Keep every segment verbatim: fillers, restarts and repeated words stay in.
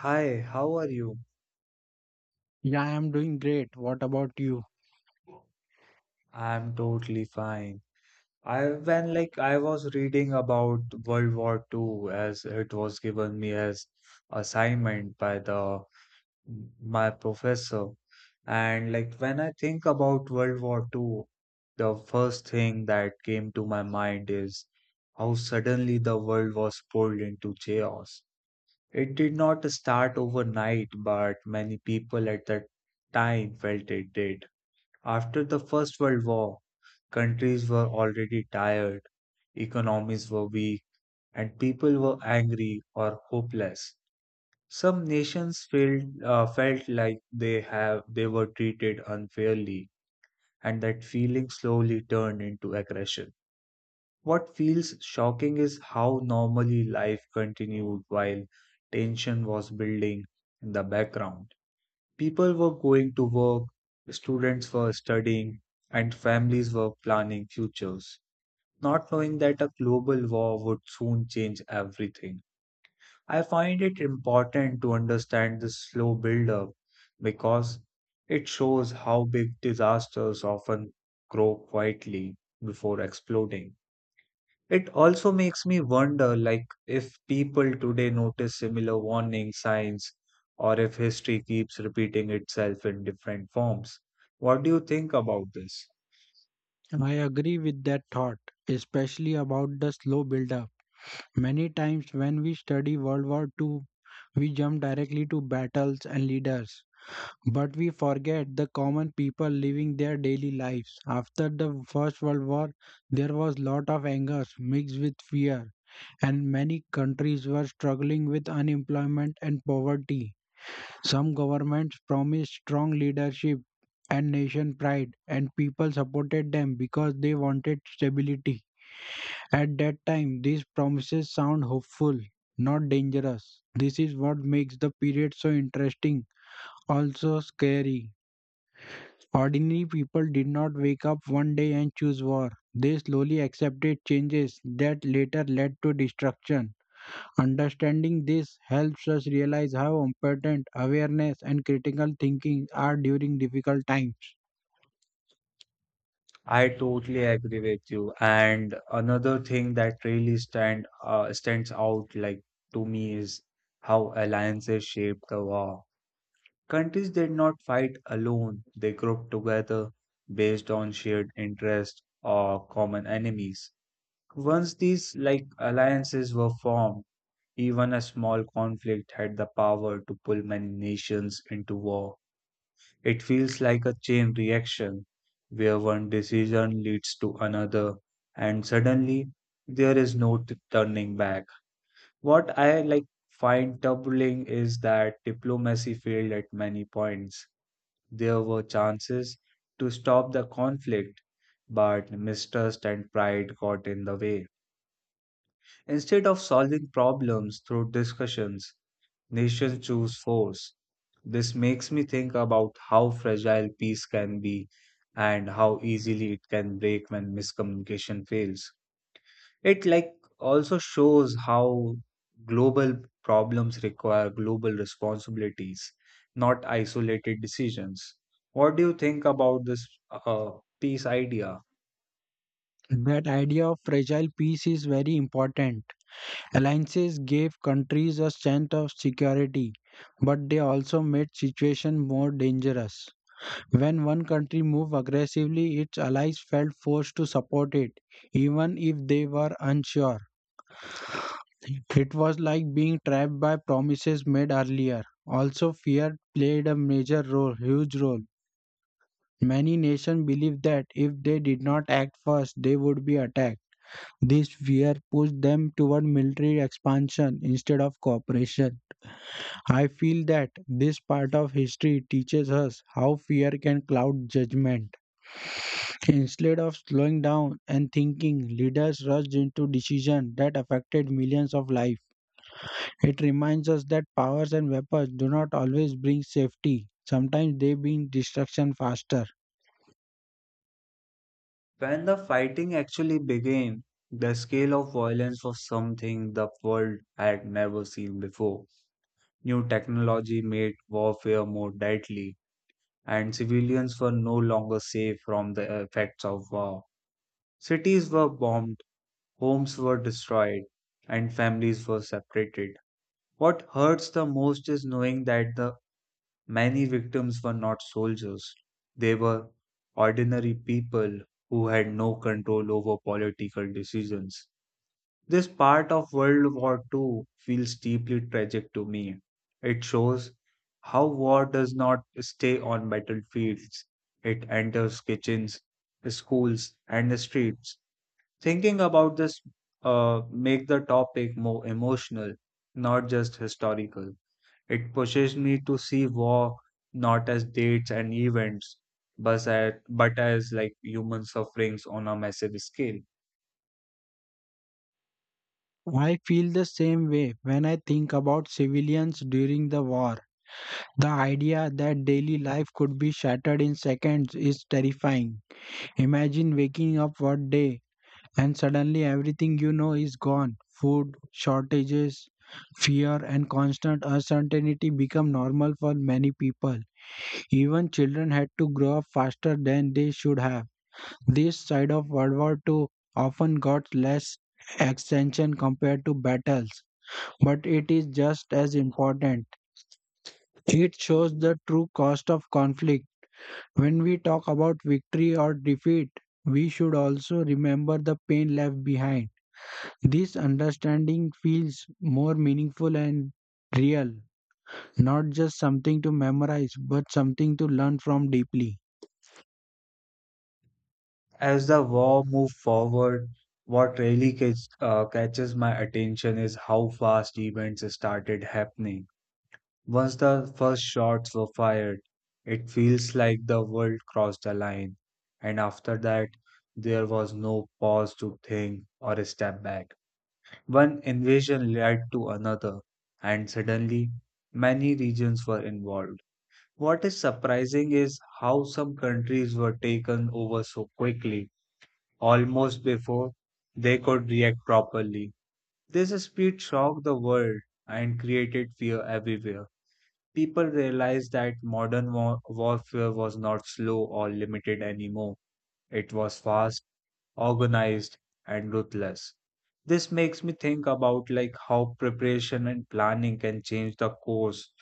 Hi, how are you? Yeah, I'm doing great. What about you? I'm totally fine. I when like I was reading about World War Two as it was given me as assignment by the my professor. And like when I think about World War Two, the first thing that came to my mind is how suddenly the world was pulled into chaos. It did not start overnight, but many people at that time felt it did. After the First World War, countries were already tired, economies were weak, and people were angry or hopeless. Some nations felt, uh, felt like they have they were treated unfairly, and that feeling slowly turned into aggression. What feels shocking is how normally life continued while tension was building in the background. People were going to work, students were studying, and families were planning futures, not knowing that a global war would soon change everything. I find it important to understand this slow build-up because it shows how big disasters often grow quietly before exploding. It also makes me wonder like if people today notice similar warning signs or if history keeps repeating itself in different forms. What do you think about this? I agree with that thought, especially about the slow build-up. Many times when we study World War two, we jump directly to battles and leaders. But we forget the common people living their daily lives. After the First World War, there was lot of anger mixed with fear, and many countries were struggling with unemployment and poverty. Some governments promised strong leadership and nation pride, and people supported them because they wanted stability. At that time, these promises sound hopeful, not dangerous. This is what makes the period so interesting, also scary. Ordinary people did not wake up one day and choose war. They slowly accepted changes that later led to destruction. Understanding this helps us realize how important awareness and critical thinking are during difficult times. I totally agree with you. And another thing that really stand uh, stands out like to me is how alliances shaped the war. Countries did not fight alone. They grouped together based on shared interest or common enemies. Once these like alliances were formed, even a small conflict had the power to pull many nations into war. It feels like a chain reaction where one decision leads to another and suddenly there is no t- turning back. What I like find troubling is that diplomacy failed at many points. There were chances to stop the conflict, but mistrust and pride got in the way. Instead of solving problems through discussions, nations choose force. This makes me think about how fragile peace can be and how easily it can break when miscommunication fails. It like also shows how global problems require global responsibilities, not isolated decisions. What do you think about this uh, peace idea? That idea of fragile peace is very important. Alliances gave countries a sense of security, but they also made situation more dangerous. When one country moved aggressively, its allies felt forced to support it, even if they were unsure. It was like being trapped by promises made earlier. Also, fear played a major role, huge role. Many nations believed that if they did not act first, they would be attacked. This fear pushed them toward military expansion instead of cooperation. I feel that this part of history teaches us how fear can cloud judgment. Instead of slowing down and thinking, leaders rushed into decisions that affected millions of lives. It reminds us that powers and weapons do not always bring safety. Sometimes they bring destruction faster. When the fighting actually began, the scale of violence was something the world had never seen before. New technology made warfare more deadly, and civilians were no longer safe from the effects of war. Cities were bombed, homes were destroyed, and families were separated. What hurts the most is knowing that the many victims were not soldiers, they were ordinary people who had no control over political decisions. This part of World War two feels deeply tragic to me. It shows how war does not stay on battlefields, it enters kitchens, schools, and streets. Thinking about this uh, make the topic more emotional, not just historical. It pushes me to see war not as dates and events, but as, but as like human sufferings on a massive scale. I feel the same way when I think about civilians during the war. The idea that daily life could be shattered in seconds is terrifying. Imagine waking up one day and suddenly everything you know is gone. Food, shortages, fear, and constant uncertainty become normal for many people. Even children had to grow up faster than they should have. This side of World War two often got less attention compared to battles, but it is just as important. It shows the true cost of conflict. When we talk about victory or defeat, we should also remember the pain left behind. This understanding feels more meaningful and real, not just something to memorize, but something to learn from deeply. As the war moves forward, what really catch, uh, catches my attention is how fast events started happening. Once the first shots were fired, it feels like the world crossed a line, and after that, there was no pause to think or step back. One invasion led to another, and suddenly many regions were involved. What is surprising is how some countries were taken over so quickly, almost before they could react properly. This speed shocked the world and created fear everywhere. People realized that modern war- warfare was not slow or limited anymore. It was fast, organized and ruthless. This makes me think about like how preparation and planning can change the course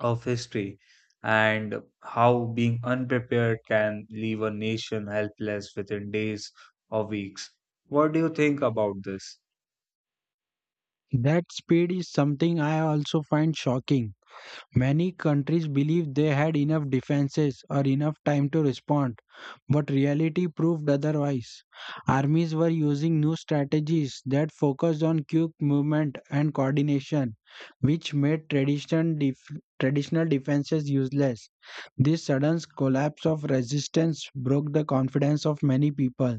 of history and how being unprepared can leave a nation helpless within days or weeks. What do you think about this? That speed is something I also find shocking. Many countries believed they had enough defenses or enough time to respond, but reality proved otherwise. Armies were using new strategies that focused on quick movement and coordination, which made traditional, def- traditional defenses useless. This sudden collapse of resistance broke the confidence of many people.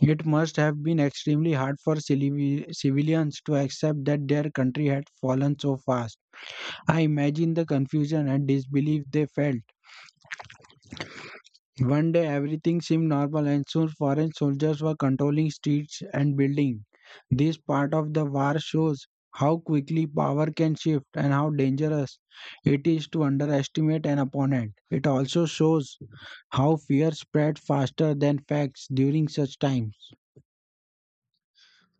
It must have been extremely hard for civili- civilians to accept that their country had fallen so fast. I imagine the confusion and disbelief they felt. One day everything seemed normal and soon foreign soldiers were controlling streets and buildings. This part of the war shows how quickly power can shift and how dangerous it is to underestimate an opponent. It also shows how fear spread faster than facts during such times.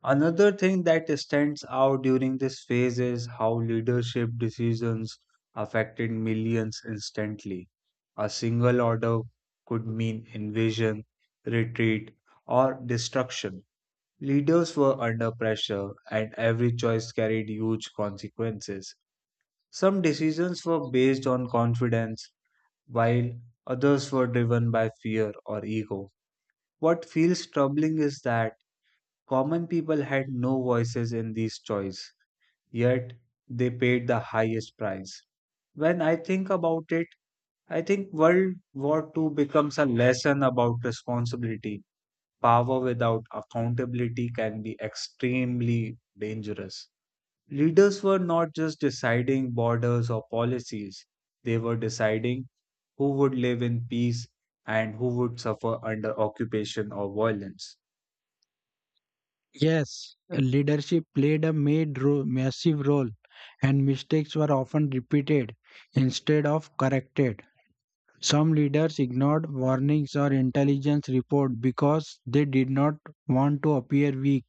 Another thing that stands out during this phase is how leadership decisions affected millions instantly. A single order could mean invasion, retreat, or destruction. Leaders were under pressure, and every choice carried huge consequences. Some decisions were based on confidence, while others were driven by fear or ego. What feels troubling is that Common people had no voices in these choices, yet they paid the highest price. When I think about it, I think World War Two becomes a lesson about responsibility. Power without accountability can be extremely dangerous. Leaders were not just deciding borders or policies, they were deciding who would live in peace and who would suffer under occupation or violence. Yes, leadership played a made ro- massive role and mistakes were often repeated instead of corrected. Some leaders ignored warnings or intelligence reports because they did not want to appear weak.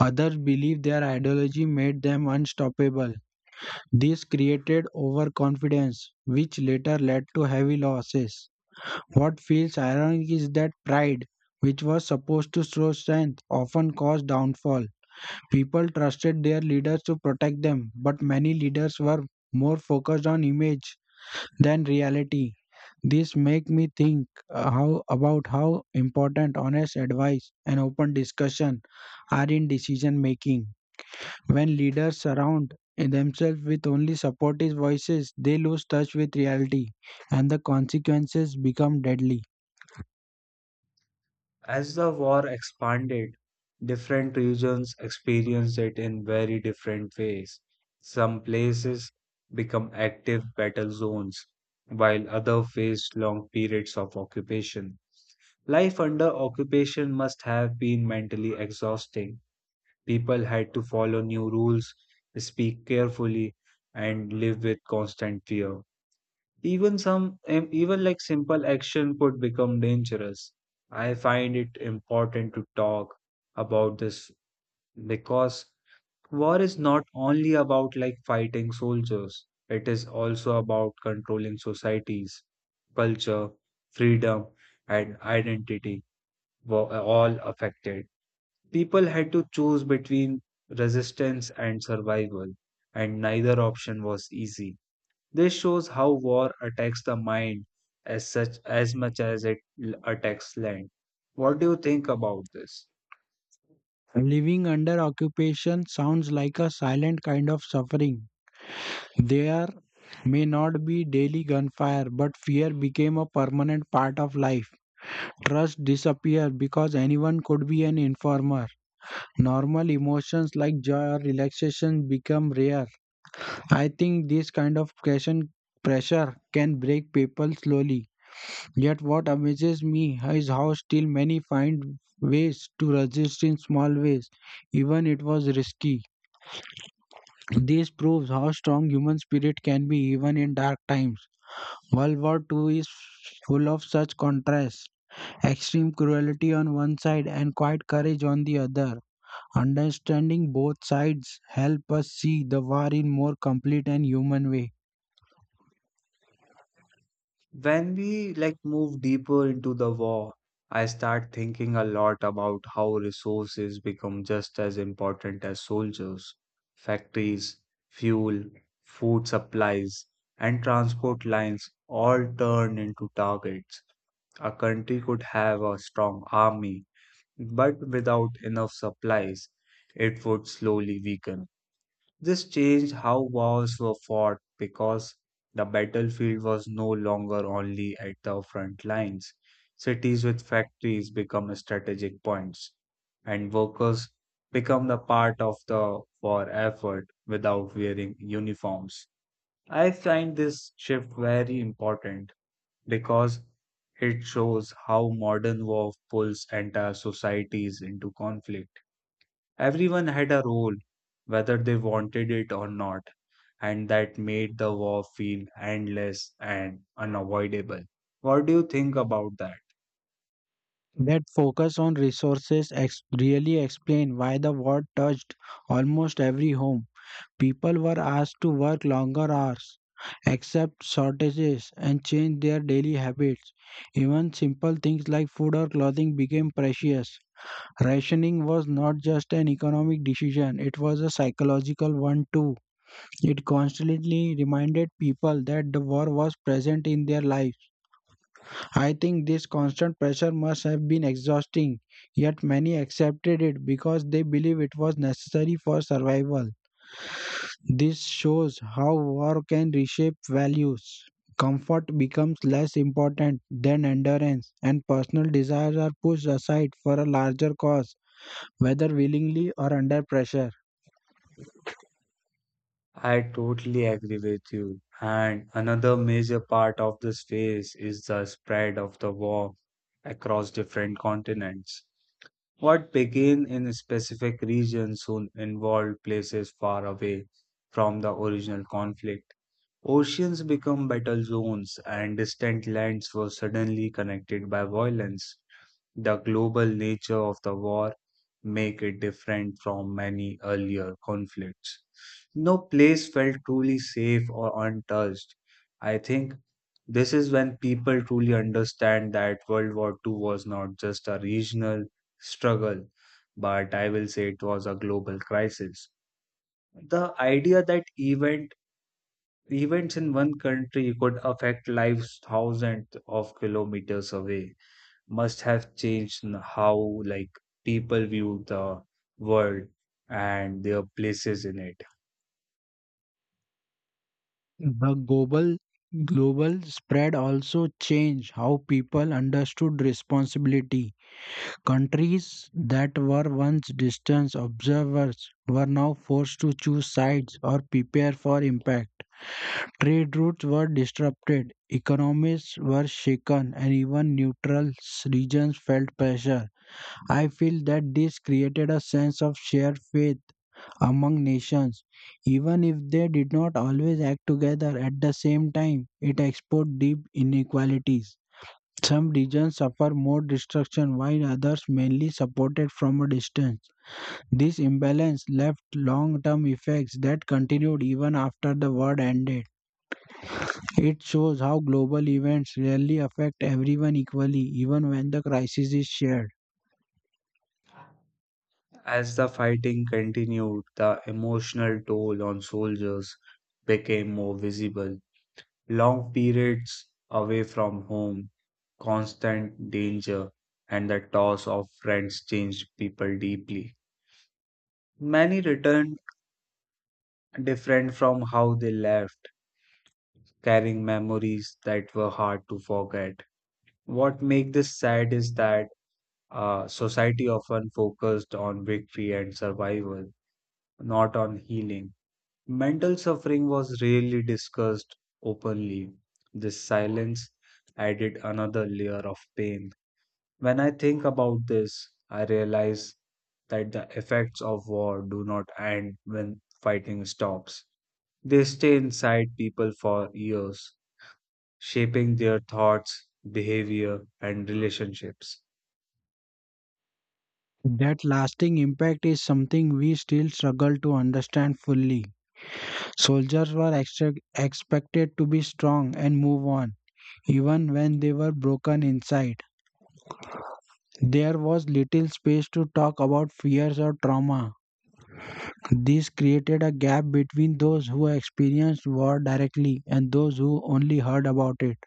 Others believed their ideology made them unstoppable. This created overconfidence, which later led to heavy losses. What feels ironic is that pride, which was supposed to show strength, often caused downfall. People trusted their leaders to protect them, but many leaders were more focused on image than reality. This make me think uh, how about how important honest advice and open discussion are in decision making. When leaders surround themselves with only supportive voices, they lose touch with reality and the consequences become deadly. As the war expanded, different regions experienced it in very different ways. Some places become active battle zones, while others faced long periods of occupation. Life under occupation must have been mentally exhausting. People had to follow new rules, speak carefully, and live with constant fear. Even some, um, even like simple action could become dangerous. I find it important to talk about this because war is not only about like fighting soldiers, it is also about controlling societies, culture, freedom, and identity were uh, all affected. People had to choose between resistance and survival, and neither option was easy. This shows how war attacks the mind as such as much as it l- attacks land. What do you think about this? Living under occupation sounds like a silent kind of suffering. There may not be daily gunfire, but fear became a permanent part of life. Trust disappeared because anyone could be an informer. Normal emotions like joy or relaxation become rare. I think this kind of question pressure can break people slowly. Yet what amazes me is how still many find ways to resist in small ways, even it was risky. This proves how strong human spirit can be even in dark times. World War Two is full of such contrasts, extreme cruelty on one side and quiet courage on the other. Understanding both sides help us see the war in more complete and human way. When we like move deeper into the war, I start thinking a lot about how resources become just as important as soldiers. Factories, fuel, food supplies, and transport lines all turn into targets. A country could have a strong army but without enough supplies, it would slowly weaken. This changed how wars were fought because the battlefield was no longer only at the front lines. Cities with factories become strategic points, and workers become the part of the war effort without wearing uniforms. I find this shift very important because it shows how modern war pulls entire societies into conflict. Everyone had a role, whether they wanted it or not, and that made the war feel endless and unavoidable. What do you think about that? That focus on resources ex- really explain why the war touched almost every home. People were asked to work longer hours, accept shortages, and change their daily habits. Even simple things like food or clothing became precious. Rationing was not just an economic decision, it was a psychological one too. It constantly reminded people that the war was present in their lives. I think this constant pressure must have been exhausting, yet many accepted it because they believe it was necessary for survival. This shows how war can reshape values. Comfort becomes less important than endurance, and personal desires are pushed aside for a larger cause, whether willingly or under pressure. I totally agree with you. And another major part of this phase is the spread of the war across different continents. What began in specific regions soon involved places far away from the original conflict. Oceans became battle zones, and distant lands were suddenly connected by violence. The global nature of the war make it different from many earlier conflicts. No place felt truly safe or untouched. I think this is when people truly understand that World War two was not just a regional struggle, but I will say it was a global crisis. The idea that event events in one country could affect lives thousands of kilometers away must have changed n- how like people view the world and their places in it. The global global spread also changed how people understood responsibility. Countries that were once distant observers were now forced to choose sides or prepare for impact. Trade routes were disrupted, economies were shaken, and even neutral s- regions felt pressure. I feel that this created a sense of shared faith among nations, even if they did not always act together at the same time. It exposed deep inequalities. Some regions suffer more destruction while others mainly supported from a distance. This imbalance left long term effects that continued even after the war ended. It shows how global events rarely affect everyone equally, even when the crisis is shared. As the fighting continued, the emotional toll on soldiers became more visible. Long periods away from home, constant danger, and the loss of friends changed people deeply. Many returned different from how they left, carrying memories that were hard to forget. What makes this sad is that Uh, society often focused on victory and survival, not on healing. Mental suffering was rarely discussed openly. This silence added another layer of pain. When I think about this, I realize that the effects of war do not end when fighting stops. They stay inside people for years, shaping their thoughts, behavior, and relationships. That lasting impact is something we still struggle to understand fully. Soldiers were extra- expected to be strong and move on, even when they were broken inside. There was little space to talk about fears or trauma. This created a gap between those who experienced war directly and those who only heard about it.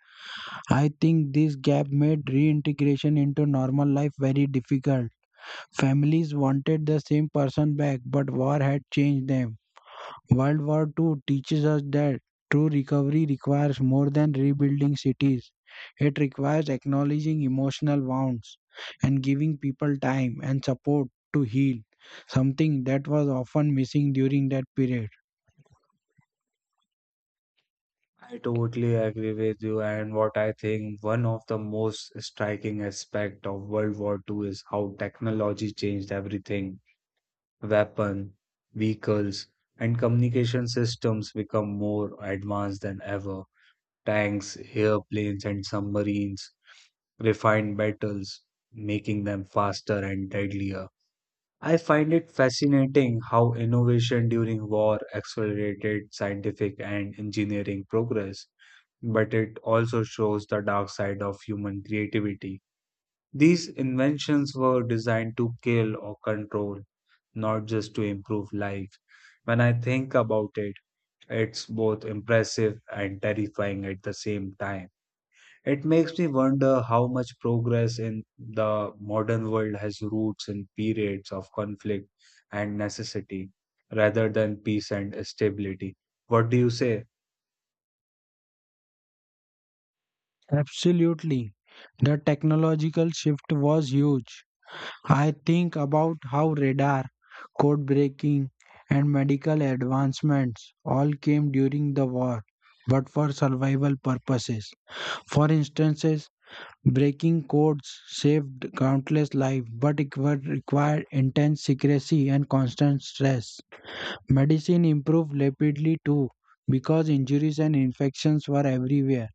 I think this gap made reintegration into normal life very difficult. Families wanted the same person back, but war had changed them. World War Two teaches us that true recovery requires more than rebuilding cities. It requires acknowledging emotional wounds and giving people time and support to heal, something that was often missing during that period. I totally agree with you, and what I think one of the most striking aspect of World War two is how technology changed everything. Weapon, vehicles, and communication systems become more advanced than ever. Tanks, airplanes, and submarines refined battles, making them faster and deadlier. I find it fascinating how innovation during war accelerated scientific and engineering progress but it also shows the dark side of human creativity. These inventions were designed to kill or control, not just to improve life. When I think about it, it's both impressive and terrifying at the same time. It makes me wonder how much progress in the modern world has roots in periods of conflict and necessity rather than peace and stability. What do you say? Absolutely. The technological shift was huge. I think about how radar, code breaking, and medical advancements all came during the war, but for survival purposes. For instances, breaking codes saved countless lives, but it were- required intense secrecy and constant stress. Medicine improved rapidly too, because injuries and infections were everywhere.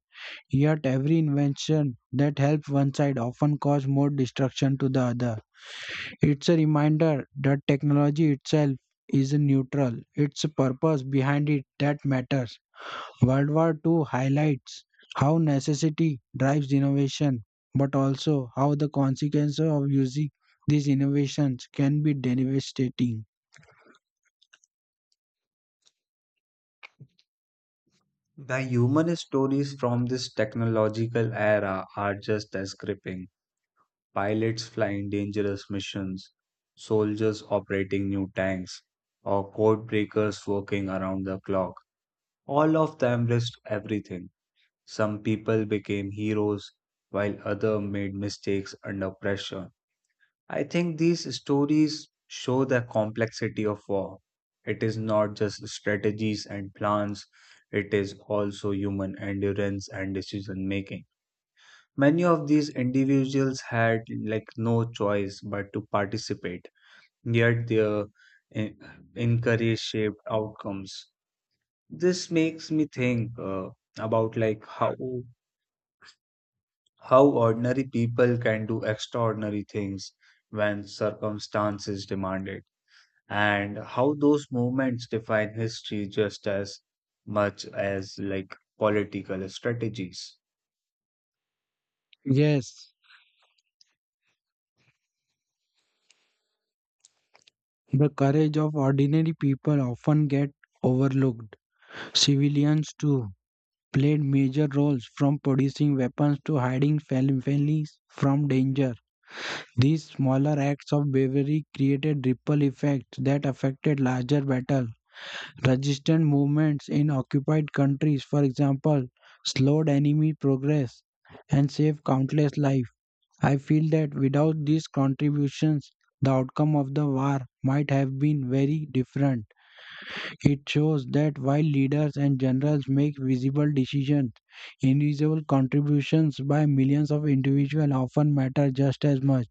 Yet, every invention that helped one side often caused more destruction to the other. It's a reminder that technology itself is neutral, it's the purpose behind it that matters. World War two highlights how necessity drives innovation, but also how the consequences of using these innovations can be devastating. The human stories from this technological era are just as gripping. Pilots flying dangerous missions, soldiers operating new tanks, or code breakers working around the clock. All of them risked everything. Some people became heroes, while others made mistakes under pressure. I think these stories show the complexity of war. It is not just strategies and plans, it is also human endurance and decision making. Many of these individuals had like no choice but to participate, yet their en- encourage shaped outcomes. This makes me think uh, about like how how ordinary people can do extraordinary things when circumstances demand it, and how those movements define history just as much as like political strategies. Yes, the courage of ordinary people often get overlooked. Civilians too played major roles from producing weapons to hiding fam- families from danger. These smaller acts of bravery created ripple effects that affected larger battles. Resistance movements in occupied countries, for example, slowed enemy progress and saved countless lives. I feel that without these contributions, the outcome of the war might have been very different. It shows that while leaders and generals make visible decisions, invisible contributions by millions of individuals often matter just as much.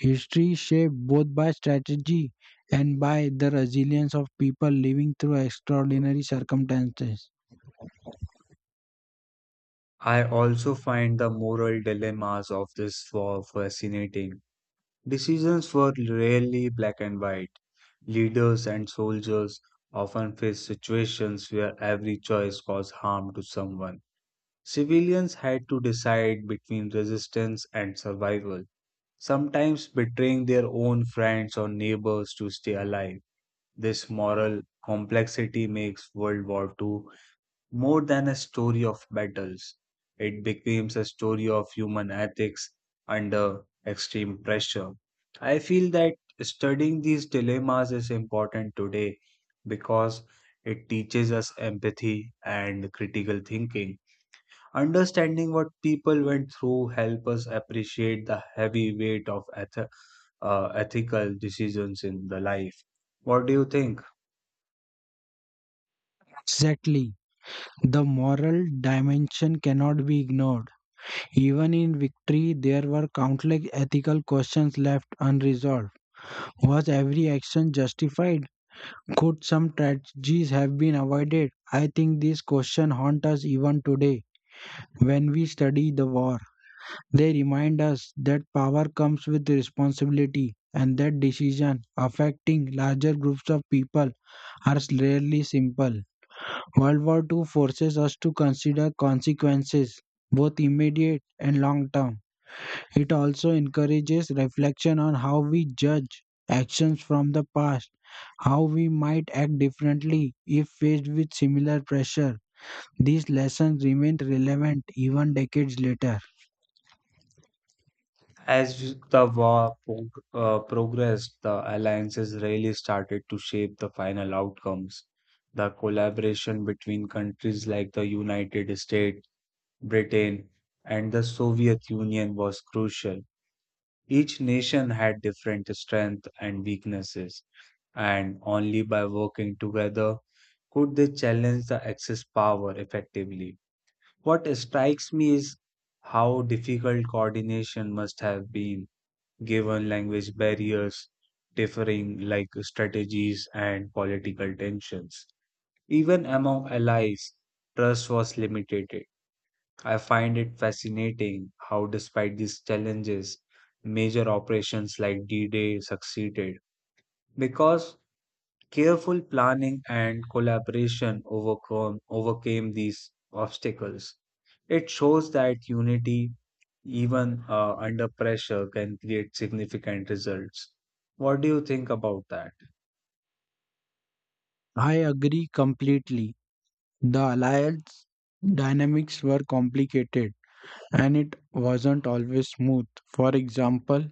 History shaped both by strategy and by the resilience of people living through extraordinary circumstances. I also find the moral dilemmas of this war fascinating. Decisions were rarely black and white. Leaders and soldiers often faced situations where every choice caused harm to someone. Civilians had to decide between resistance and survival, sometimes betraying their own friends or neighbors to stay alive. This moral complexity makes World War two more than a story of battles. It becomes a story of human ethics under extreme pressure. I feel that studying these dilemmas is important today because it teaches us empathy and critical thinking. Understanding what people went through help us appreciate the heavy weight of eth- uh, ethical decisions in the life. What do you think? Exactly. The moral dimension cannot be ignored. Even in victory, there were countless ethical questions left unresolved. Was every action justified? Could some tragedies have been avoided? I think these questions haunt us even today when we study the war. They remind us that power comes with responsibility and that decisions affecting larger groups of people are rarely simple. World War two forces us to consider consequences, both immediate and long term. It also encourages reflection on how we judge actions from the past, how we might act differently if faced with similar pressure. These lessons remain relevant even decades later. As the war prog- uh, progressed, the alliances really started to shape the final outcomes. The collaboration between countries like the United States, Britain, and the Soviet Union was crucial. Each nation had different strengths and weaknesses, and only by working together could they challenge the Axis power effectively. What strikes me is how difficult coordination must have been given language barriers, differing like strategies and political tensions. Even among allies, trust was limited. I find it fascinating how, despite these challenges, major operations like D Day succeeded because careful planning and collaboration overcome, overcame these obstacles. It shows that unity, even uh, under pressure, can create significant results. What do you think about that? I agree completely. The alliance dynamics were complicated and it wasn't always smooth. For example,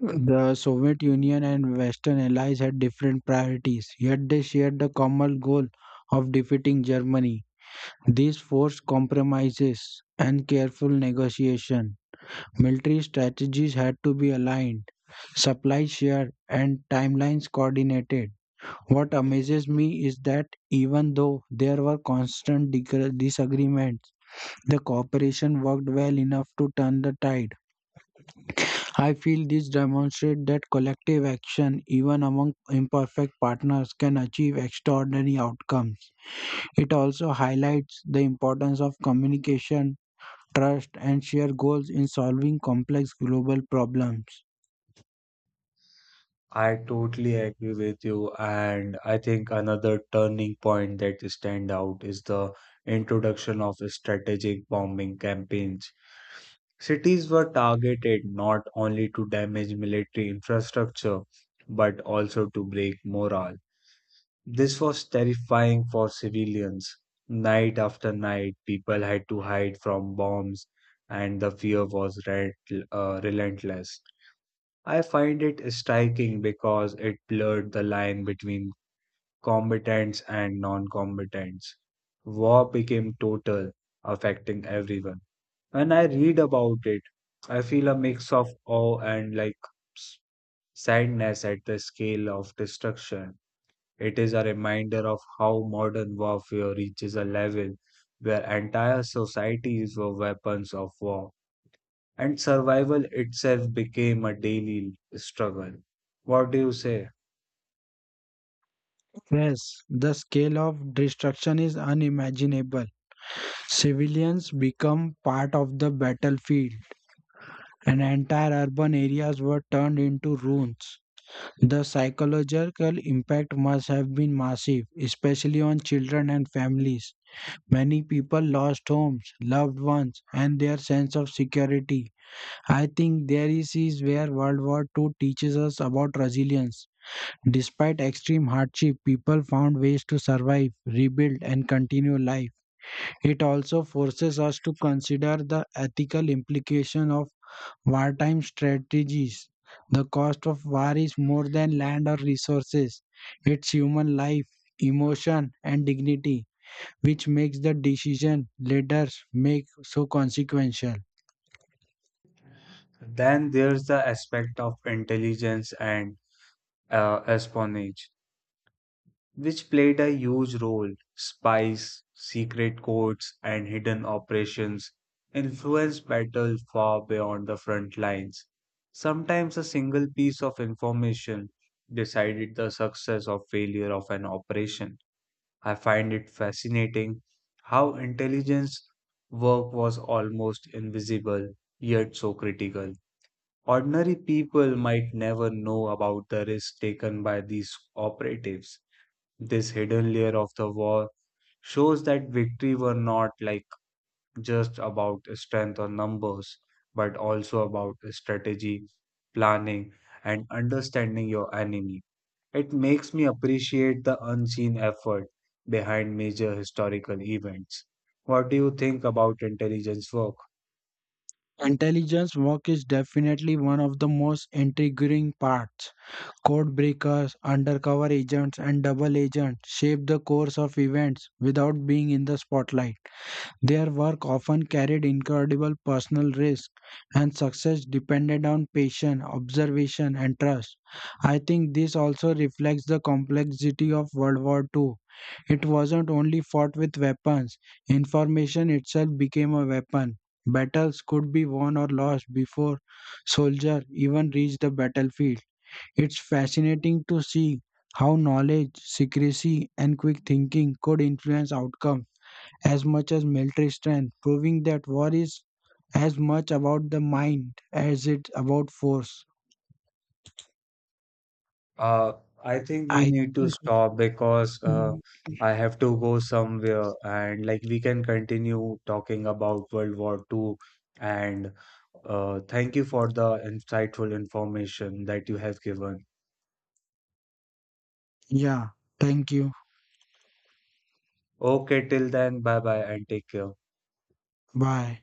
the Soviet Union and Western allies had different priorities, yet they shared the common goal of defeating Germany. This forced compromises and careful negotiation. Military strategies had to be aligned, supplies shared, and timelines coordinated. What amazes me is that even though there were constant dig- disagreements, the cooperation worked well enough to turn the tide. I feel this demonstrates that collective action, even among imperfect partners, can achieve extraordinary outcomes. It also highlights the importance of communication, trust, and shared goals in solving complex global problems. I totally agree with you, and I think another turning point that stand out is the introduction of strategic bombing campaigns. Cities were targeted not only to damage military infrastructure, but also to break morale. This was terrifying for civilians. Night after night, people had to hide from bombs, and the fear was rent- uh, relentless. I find it striking because it blurred the line between combatants and non combatants. War became total, affecting everyone. When I read about it, I feel a mix of awe and like s- sadness at the scale of destruction. It is a reminder of how modern warfare reaches a level where entire societies were weapons of war and survival itself became a daily struggle. What do you say? Yes, the scale of destruction is unimaginable. Civilians become part of the battlefield, and entire urban areas were turned into ruins. The psychological impact must have been massive, especially on children and families. Many people lost homes, loved ones, and their sense of security. I think there is is where World War two teaches us about resilience. Despite extreme hardship, people found ways to survive, rebuild, and continue life. It also forces us to consider the ethical implication of wartime strategies. The cost of war is more than land or resources. It's human life, emotion, and dignity, which makes the decision leaders make so consequential. Then there's the aspect of intelligence and uh, espionage, which played a huge role. Spies, secret codes, and hidden operations influenced battle far beyond the front lines. Sometimes a single piece of information decided the success or failure of an operation. I find it fascinating how intelligence work was almost invisible yet so critical. Ordinary people might never know about the risks taken by these operatives. This hidden layer of the war shows that victory were not like just about strength or numbers, but also about strategy, planning, and understanding your enemy. It makes me appreciate the unseen effort behind major historical events. What do you think about intelligence work? Intelligence work is definitely one of the most intriguing parts. Code breakers, undercover agents, and double agents shape the course of events without being in the spotlight. Their work often carried incredible personal risk, and success depended on patience, observation, and trust. I think this also reflects the complexity of World War two. It wasn't only fought with weapons, information itself became a weapon. Battles could be won or lost before soldiers even reached the battlefield. It's fascinating to see how knowledge, secrecy, and quick thinking could influence outcomes as much as military strength, proving that war is as much about the mind as it's about force. Uh, I think we I need to think, stop we because uh, should- I have to go somewhere and like we can continue talking about World War two and uh, thank you for the insightful information that you have given. yeah, thank you. Okay, till then, bye bye and take care. Bye.